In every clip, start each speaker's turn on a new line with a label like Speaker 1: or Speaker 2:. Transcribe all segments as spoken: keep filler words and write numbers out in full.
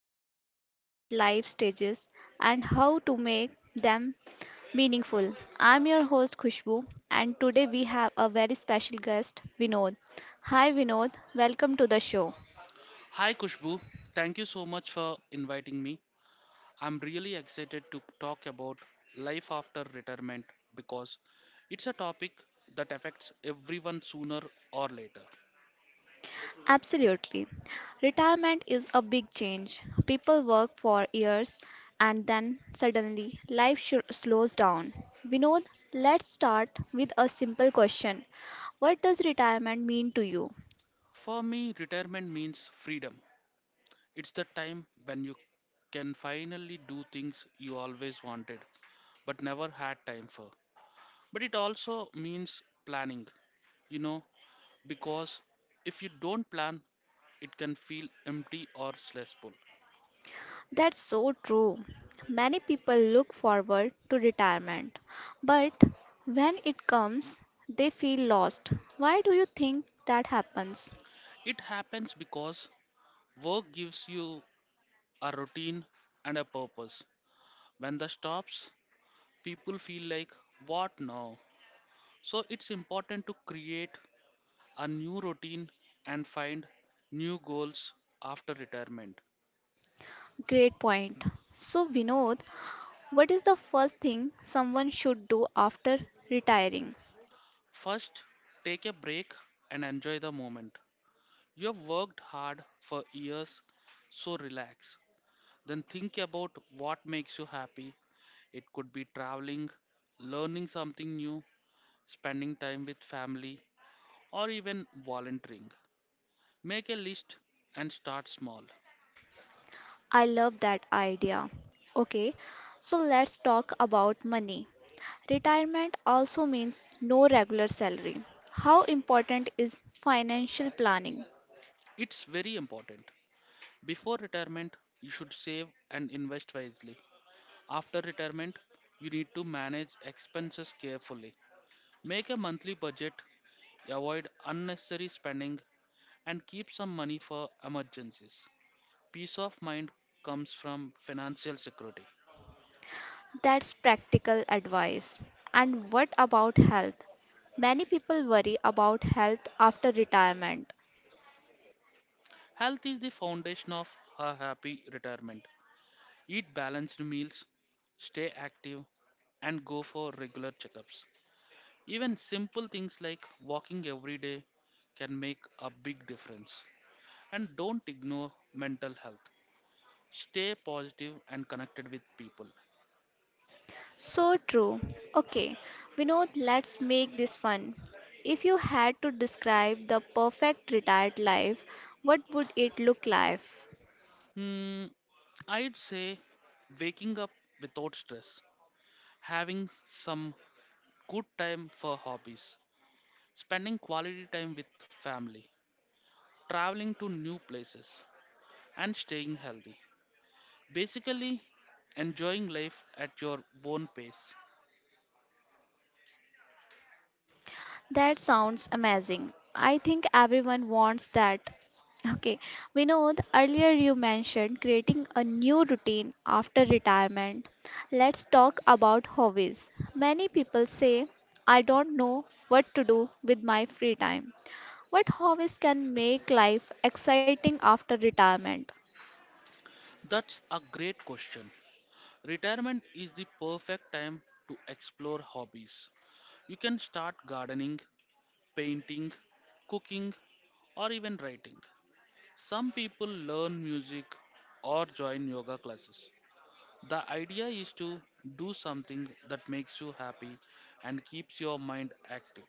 Speaker 1: discuss important life stages and how to make them meaningful. I'm your host, Khushbu, and today we have a very special guest, Vinod. Hi, Vinod. Welcome to the show.
Speaker 2: Hi Kushbu, thank you so much for inviting me. I'm really excited to talk about life after retirement because it's a topic that affects everyone sooner or later.
Speaker 1: Absolutely. Retirement is a big change. People work for years and then suddenly life sh- slows down. Vinod, let's start with a simple question. What does retirement mean to you?
Speaker 2: For me, retirement means freedom. It's the time when you can finally do things you always wanted but never had time for. But it also means planning, you know, because if you don't plan, it can feel empty or stressful.
Speaker 1: That's so true. Many people look forward to retirement, but when it comes, they feel lost. Why do you think that happens?
Speaker 2: It happens because work gives you a routine and a purpose. When that stops, people feel like, what now? So it's important to create a new routine and find new goals after retirement.
Speaker 1: Great point. So, Vinod, what is the first thing someone should do after retiring?
Speaker 2: First, take a break and enjoy the moment. You have worked hard for years, so relax. Then think about what makes you happy. It could be traveling, learning something new, spending time with family, or even volunteering. Make a list and start small.
Speaker 1: I love that idea. Okay, so let's talk about money. Retirement also means no regular salary. How important is financial planning?
Speaker 2: It's very important. Before retirement, you should save and invest wisely. After retirement, you need to manage expenses carefully. Make a monthly budget, avoid unnecessary spending, and keep some money for emergencies. Peace of mind comes from financial security.
Speaker 1: That's practical advice. And what about health? Many people worry about health after retirement.
Speaker 2: Health is the foundation of a happy retirement. Eat balanced meals, stay active, and go for regular checkups. Even simple things like walking every day can make a big difference. And don't ignore mental health. Stay positive and connected with people.
Speaker 1: So true. Okay, Vinod, let's make this fun. If you had to describe the perfect retired life, what would it look like?
Speaker 2: Hmm, I'd say waking up without stress, having some good time for hobbies, spending quality time with family, traveling to new places, and staying healthy. Basically, enjoying life at your own pace.
Speaker 1: That sounds amazing. I think everyone wants that. Okay, Vinod, earlier you mentioned creating a new routine after retirement. Let's talk about hobbies. Many people say, I don't know what to do with my free time. What hobbies can make life exciting after retirement?
Speaker 2: That's a great question. Retirement is the perfect time to explore hobbies. You can start gardening, painting, cooking, or even writing. Some people learn music or join yoga classes. The idea is to do something that makes you happy and keeps your mind active.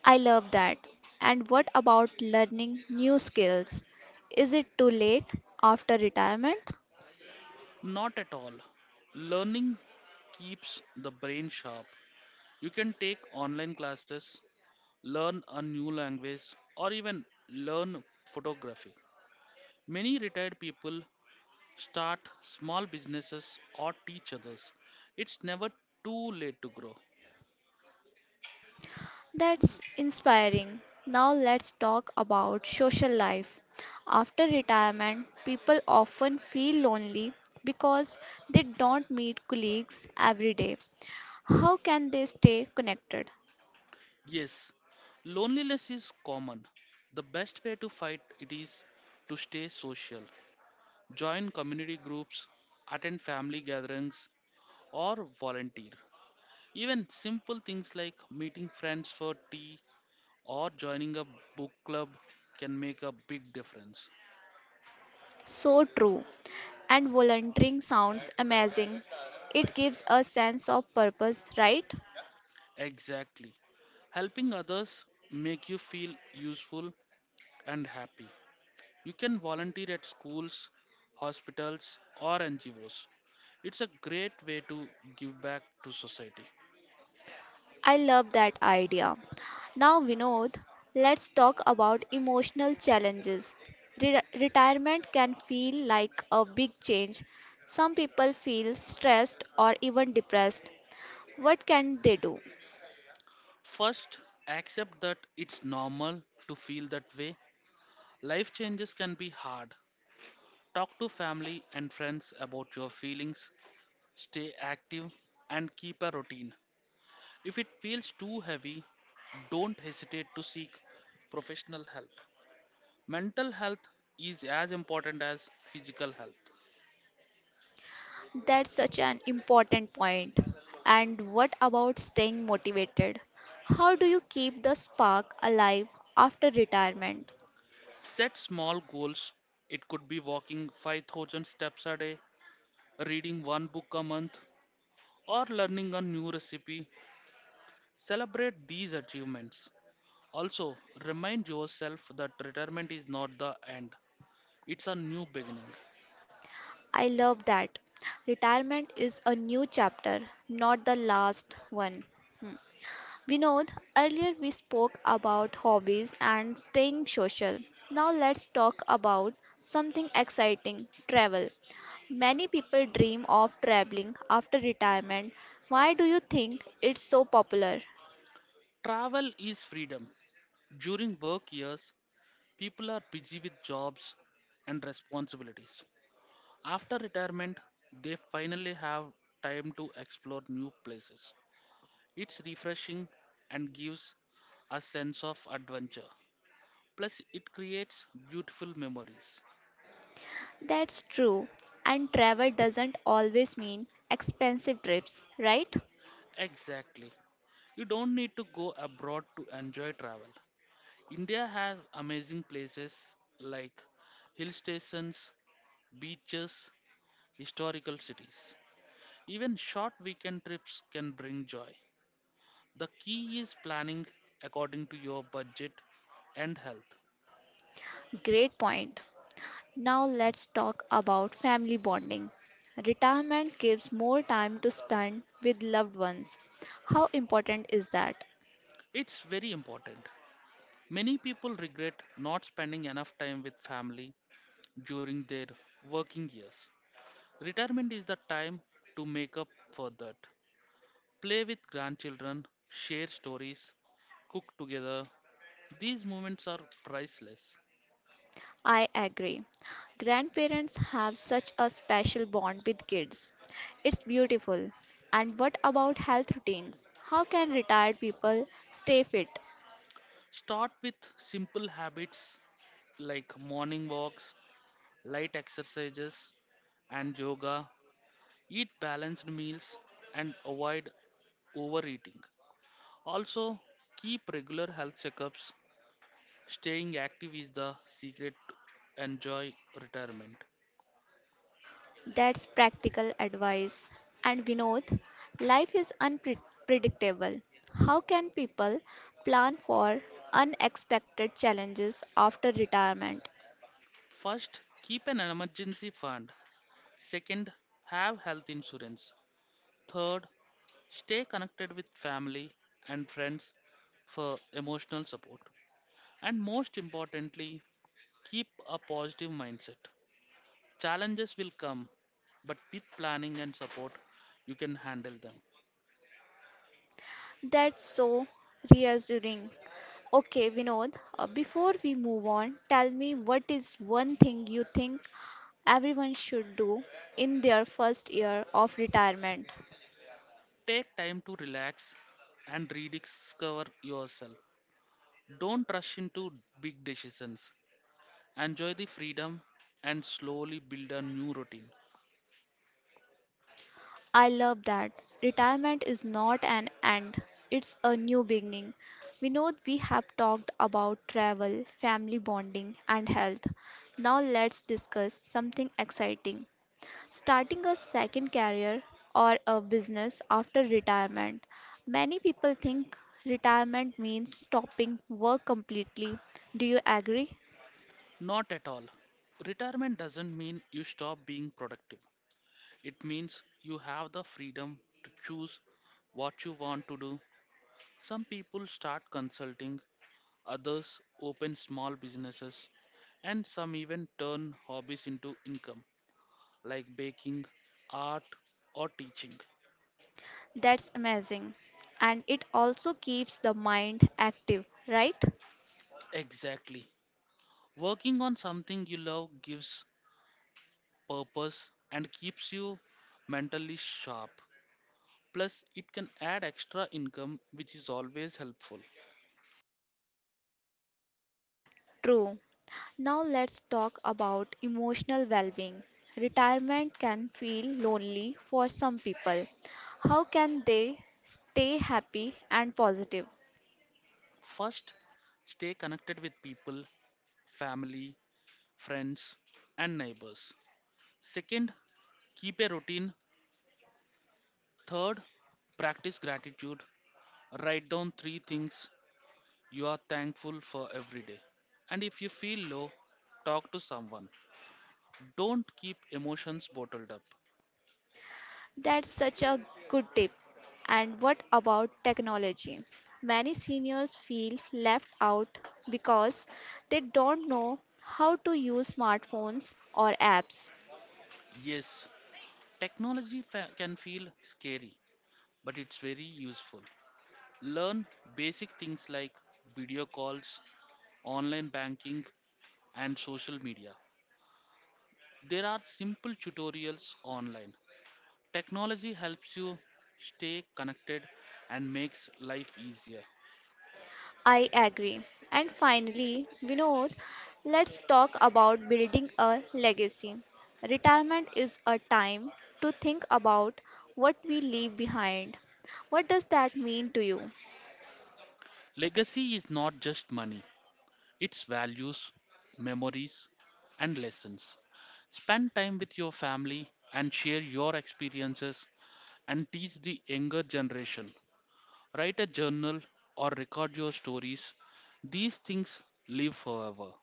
Speaker 1: I love that. And what about learning new skills? Is it too late after retirement?
Speaker 2: Not at all. Learning keeps the brain sharp. You can take online classes, learn a new language, or even learn photography. Many retired people start small businesses or teach others. It's never too late to grow.
Speaker 1: That's inspiring. Now let's talk about social life. After retirement, people often feel lonely because they don't meet colleagues every day. How can they stay connected?
Speaker 2: Yes, loneliness is common. The best way to fight it is to stay social. Join community groups, attend family gatherings, or volunteer. Even simple things like meeting friends for tea or joining a book club can make a big difference.
Speaker 1: So true. And volunteering sounds amazing. It gives a sense of purpose, right?
Speaker 2: Exactly. Helping others make you feel useful and happy. You can volunteer at schools, hospitals or N G Os. It's a great way to give back to society.
Speaker 1: I love that idea. Now, Vinod, let's talk about emotional challenges. Re- retirement can feel like a big change. Some people feel stressed or even depressed. What can they do?
Speaker 2: First, accept that it's normal to feel that way. Life changes can be hard. Talk to family and friends about your feelings, stay active, and keep a routine. If it feels too heavy, don't hesitate to seek professional help. Mental health is as important as physical health.
Speaker 1: That's such an important point. And what about staying motivated? How do you keep the spark alive after retirement?
Speaker 2: Set small goals. It could be walking five thousand steps a day, reading one book a month, or learning a new recipe. Celebrate these achievements. Also, remind yourself that retirement is not the end, it's a new beginning.
Speaker 1: I love that. Retirement is a new chapter, not the last one. Hmm. Vinod, earlier we spoke about hobbies and staying social. Now let's talk about something exciting, travel. Many people dream of traveling after retirement. Why do you think it's so popular?
Speaker 2: Travel is freedom. During work years, people are busy with jobs and responsibilities. After retirement, they finally have time to explore new places. It's refreshing and gives a sense of adventure. Plus, it creates beautiful memories.
Speaker 1: That's true. And travel doesn't always mean expensive trips, right?
Speaker 2: Exactly. You don't need to go abroad to enjoy travel. India has amazing places like hill stations, beaches, historical cities. Even short weekend trips can bring joy. The key is planning according to your budget and health.
Speaker 1: Great point. Now let's talk about family bonding. Retirement gives more time to spend with loved ones. How important is that?
Speaker 2: It's very important. Many people regret not spending enough time with family during their working years. Retirement is the time to make up for that. Play with grandchildren, share stories, cook together. These moments are priceless.
Speaker 1: I agree. Grandparents have such a special bond with kids. It's beautiful. And what about health routines? How can retired people stay fit?
Speaker 2: Start with simple habits like morning walks, light exercises, and yoga. Eat balanced meals and avoid overeating. Also, keep regular health checkups. Staying active is the secret to enjoy retirement.
Speaker 1: That's practical advice. And Vinod, life is unpredictable. How can people plan for unexpected challenges after retirement?
Speaker 2: First, keep an emergency fund. Second, have health insurance. Third, stay connected with family and friends for emotional support. And most importantly, keep a positive mindset. Challenges will come, but with planning and support, you can handle them.
Speaker 1: That's so reassuring. Okay, Vinod, uh, before we move on, tell me, what is one thing you think everyone should do in their first year of retirement?
Speaker 2: Take time to relax and rediscover yourself. Don't rush into big decisions. Enjoy the freedom and slowly build a new routine.
Speaker 1: I love that. Retirement is not an end, it's a new beginning. We know we have talked about travel, family bonding, and health. Now let's discuss something exciting, starting a second career or a business after retirement. Many people think retirement means stopping work completely. Do you agree?
Speaker 2: Not at all. Retirement doesn't mean you stop being productive. It means you have the freedom to choose what you want to do. Some people start consulting, others open small businesses, and some even turn hobbies into income like baking, art, or teaching.
Speaker 1: That's amazing. And it also keeps the mind active, right?
Speaker 2: Exactly. Working on something you love gives purpose and keeps you mentally sharp. Plus, it can add extra income, which is always helpful.
Speaker 1: True. Now let's talk about emotional well-being. Retirement can feel lonely for some people. How can they stay happy and positive?
Speaker 2: First, stay connected with people, family, friends, and neighbors. Second, keep a routine. Third, practice gratitude. Write down three things you are thankful for every day. And if you feel low, talk to someone. Don't keep emotions bottled up.
Speaker 1: That's such a good tip. And what about technology? Many seniors feel left out because they don't know how to use smartphones or apps.
Speaker 2: Yes, technology fa- can feel scary, but it's very useful. Learn basic things like video calls, online banking, and social media. There are simple tutorials online. Technology helps you stay connected and makes life easier.
Speaker 1: I agree. And finally, Vinod, let's talk about building a legacy. Retirement is a time to think about what we leave behind. What does that mean to you?
Speaker 2: Legacy is not just money, it's values, memories, and lessons. Spend time with your family and share your experiences and teach the younger generation. Write a journal or record your stories. These things live forever.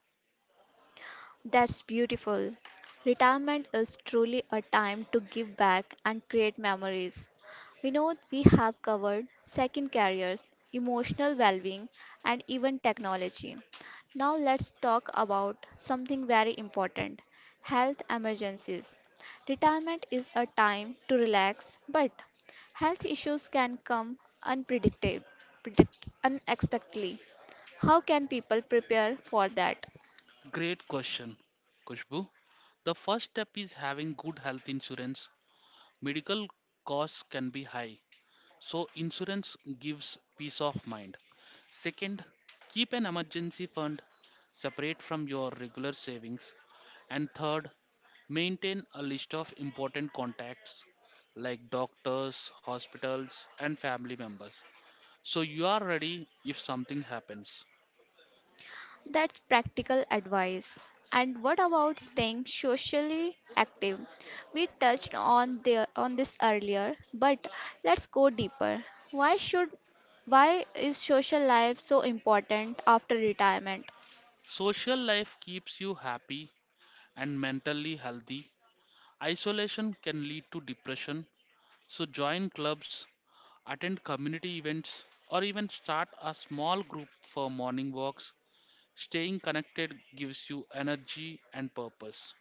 Speaker 1: That's beautiful. Retirement is truly a time to give back and create memories. We know we have covered second careers, emotional well being, and even technology. Now let's talk about something very important, health emergencies. Retirement is a time to relax, but health issues can come unpredicted, predict, unexpectedly. How can people prepare for that?
Speaker 2: Great question, Kushbu. The first step is having good health insurance. Medical costs can be high, so insurance gives peace of mind. Second, keep an emergency fund separate from your regular savings. And third, maintain a list of important contacts like doctors, hospitals, and family members. So, you are ready if something happens.
Speaker 1: That's practical advice. And what about staying socially active? We touched on the on this earlier, but let's go deeper. Why should why is social life so important after retirement?
Speaker 2: Social life keeps you happy and mentally healthy. Isolation can lead to depression, so join clubs, attend community events, or even start a small group for morning walks. Staying connected gives you energy and purpose.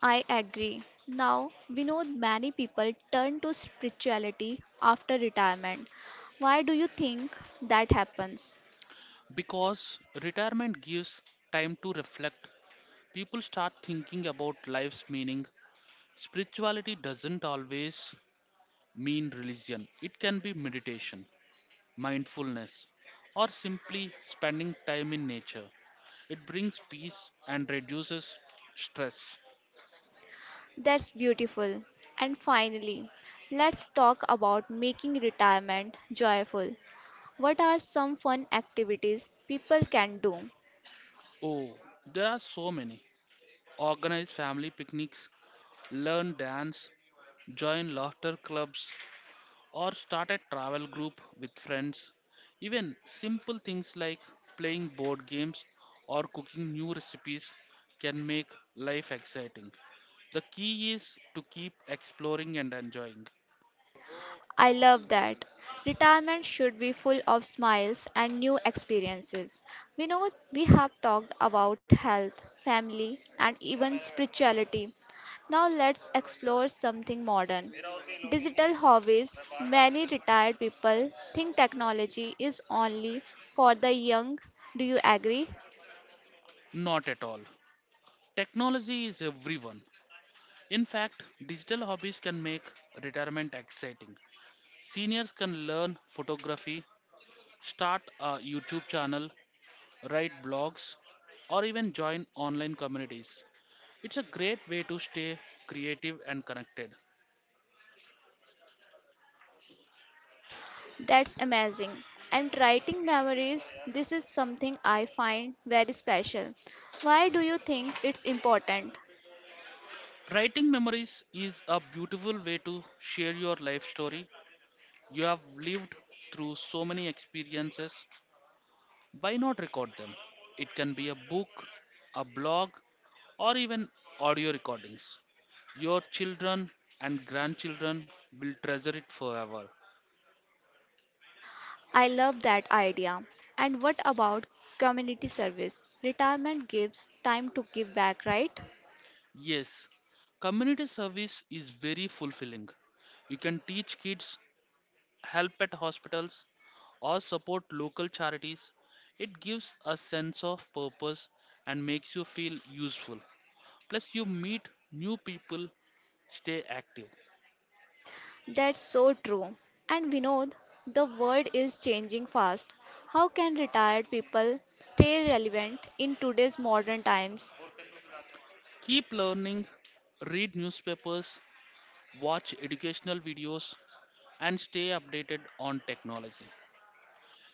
Speaker 1: I agree. Now, we know many people turn to spirituality after retirement. Why do you think that happens?
Speaker 2: Because retirement gives time to reflect, people start thinking about life's meaning. Spirituality doesn't always mean religion, it can be meditation, mindfulness, or simply spending time in nature. It brings peace and reduces stress.
Speaker 1: That's beautiful. And finally, let's talk about making retirement joyful. What are some fun activities people can do?
Speaker 2: Oh, there are so many. Organize family picnics, learn dance, join laughter clubs, or start a travel group with friends. Even simple things like playing board games or cooking new recipes can make life exciting. The key is to keep exploring and enjoying.
Speaker 1: I love that. Retirement should be full of smiles and new experiences. We know we have talked about health, family, and even spirituality. Now let's explore something modern. Digital hobbies. Many retired people think technology is only for the young. Do you agree?
Speaker 2: Not at all. Technology is everyone. In fact, digital hobbies can make retirement exciting. Seniors can learn photography, start a YouTube channel, write blogs, or even join online communities. It's a great way to stay creative and connected.
Speaker 1: That's amazing. And writing memories, this is something I find very special. Why do you think it's important?
Speaker 2: Writing memories is a beautiful way to share your life story. You have lived through so many experiences. Why not record them? It can be a book, a blog, or even audio recordings. Your children and grandchildren will treasure it forever.
Speaker 1: I love that idea. And what about community service? Retirement gives time to give back, right?
Speaker 2: Yes, community service is very fulfilling. You can teach kids, help at hospitals, or support local charities. It gives a sense of purpose and makes you feel useful. Plus, you meet new people, stay active.
Speaker 1: That's so true. And Vinod, the world is changing fast. How can retired people stay relevant in today's modern times?
Speaker 2: Keep learning, read newspapers, watch educational videos, and stay updated on technology.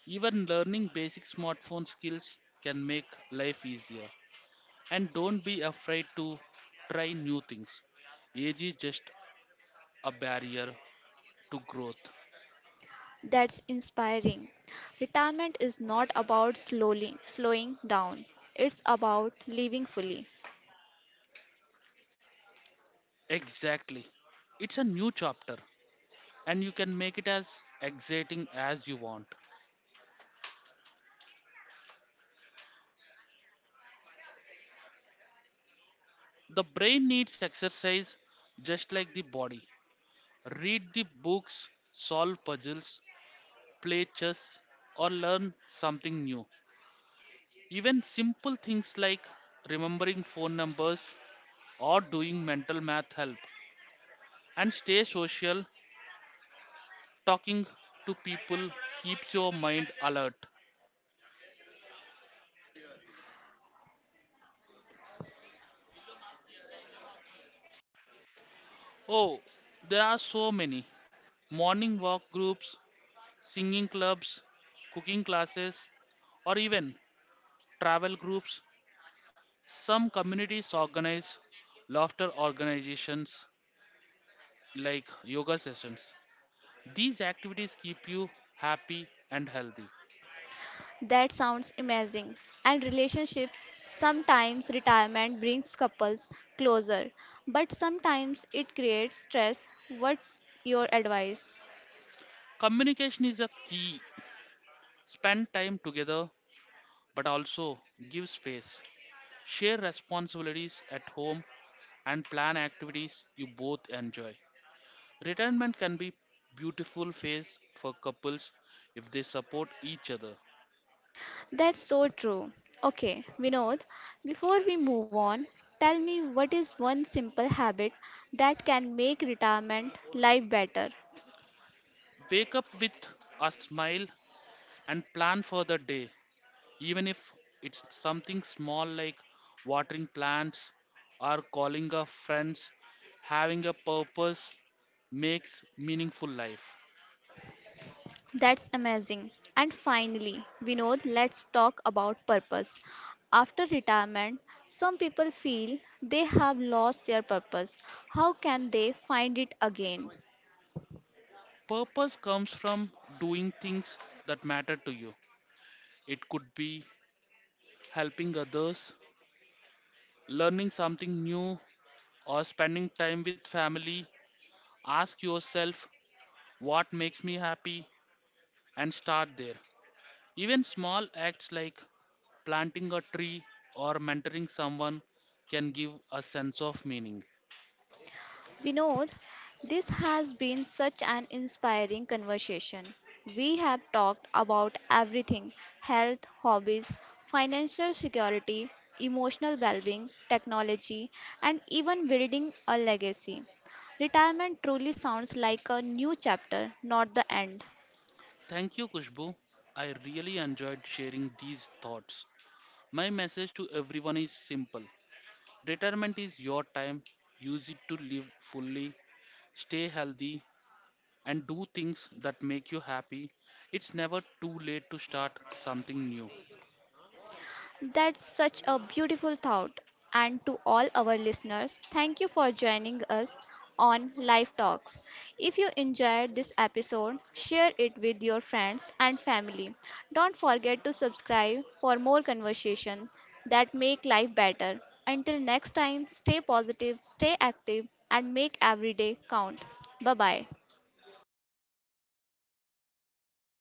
Speaker 2: Even learning basic smartphone skills can make life easier. And don't be afraid to try new things. Age is just a barrier to growth.
Speaker 1: That's inspiring. Retirement is not about slowly slowing down. It's about living fully.
Speaker 2: Exactly. It's a new chapter, and you can make it as exciting as you want. The brain needs exercise just like the body. Read the books, solve puzzles, play chess, or learn something new. Even simple things like remembering phone numbers or doing mental math help. And stay social. Talking to people keeps your mind alert. Oh, there are so many: morning walk groups, singing clubs, cooking classes, or even travel groups. Some communities organize laughter organizations like yoga sessions. These activities keep you happy and healthy.
Speaker 1: That sounds amazing. And relationships, sometimes retirement brings couples closer, but sometimes it creates stress. What's your advice?
Speaker 2: Communication is a key. Spend time together, but also give space. Share responsibilities at home and plan activities you both enjoy. Retirement can be beautiful phase for couples if they support each other.
Speaker 1: That's so true. Okay, Vinod, before we move on, tell me, what is one simple habit that can make retirement life better?
Speaker 2: Wake up with a smile and plan for the day, even if it's something small like watering plants or calling up friends. Having a purpose makes meaningful life.
Speaker 1: That's amazing. And finally, Vinod, let's talk about purpose. After retirement, some people feel they have lost their purpose. How can they find it again?
Speaker 2: Purpose comes from doing things that matter to you. It could be helping others, learning something new, or spending time with family. Ask yourself what makes me happy and start there. Even small acts like planting a tree or mentoring someone can give a sense of meaning.
Speaker 1: Vinod, this has been such an inspiring conversation. We have talked about everything, health, hobbies, financial security, emotional well being, technology, and even building a legacy. Retirement truly sounds like a new chapter, not the end.
Speaker 2: Thank you, Kushbu. I really enjoyed sharing these thoughts. My message to everyone is simple: retirement is your time, use it to live fully, stay healthy, and do things that make you happy. It's never too late to start something new.
Speaker 1: That's such a beautiful thought. And to all our listeners, thank you for joining us on Life Talks. If you enjoyed this episode, share it with your friends and family. Don't forget to subscribe for more conversation that make life better. Until next time, stay positive, stay active and make every day count. Bye-bye.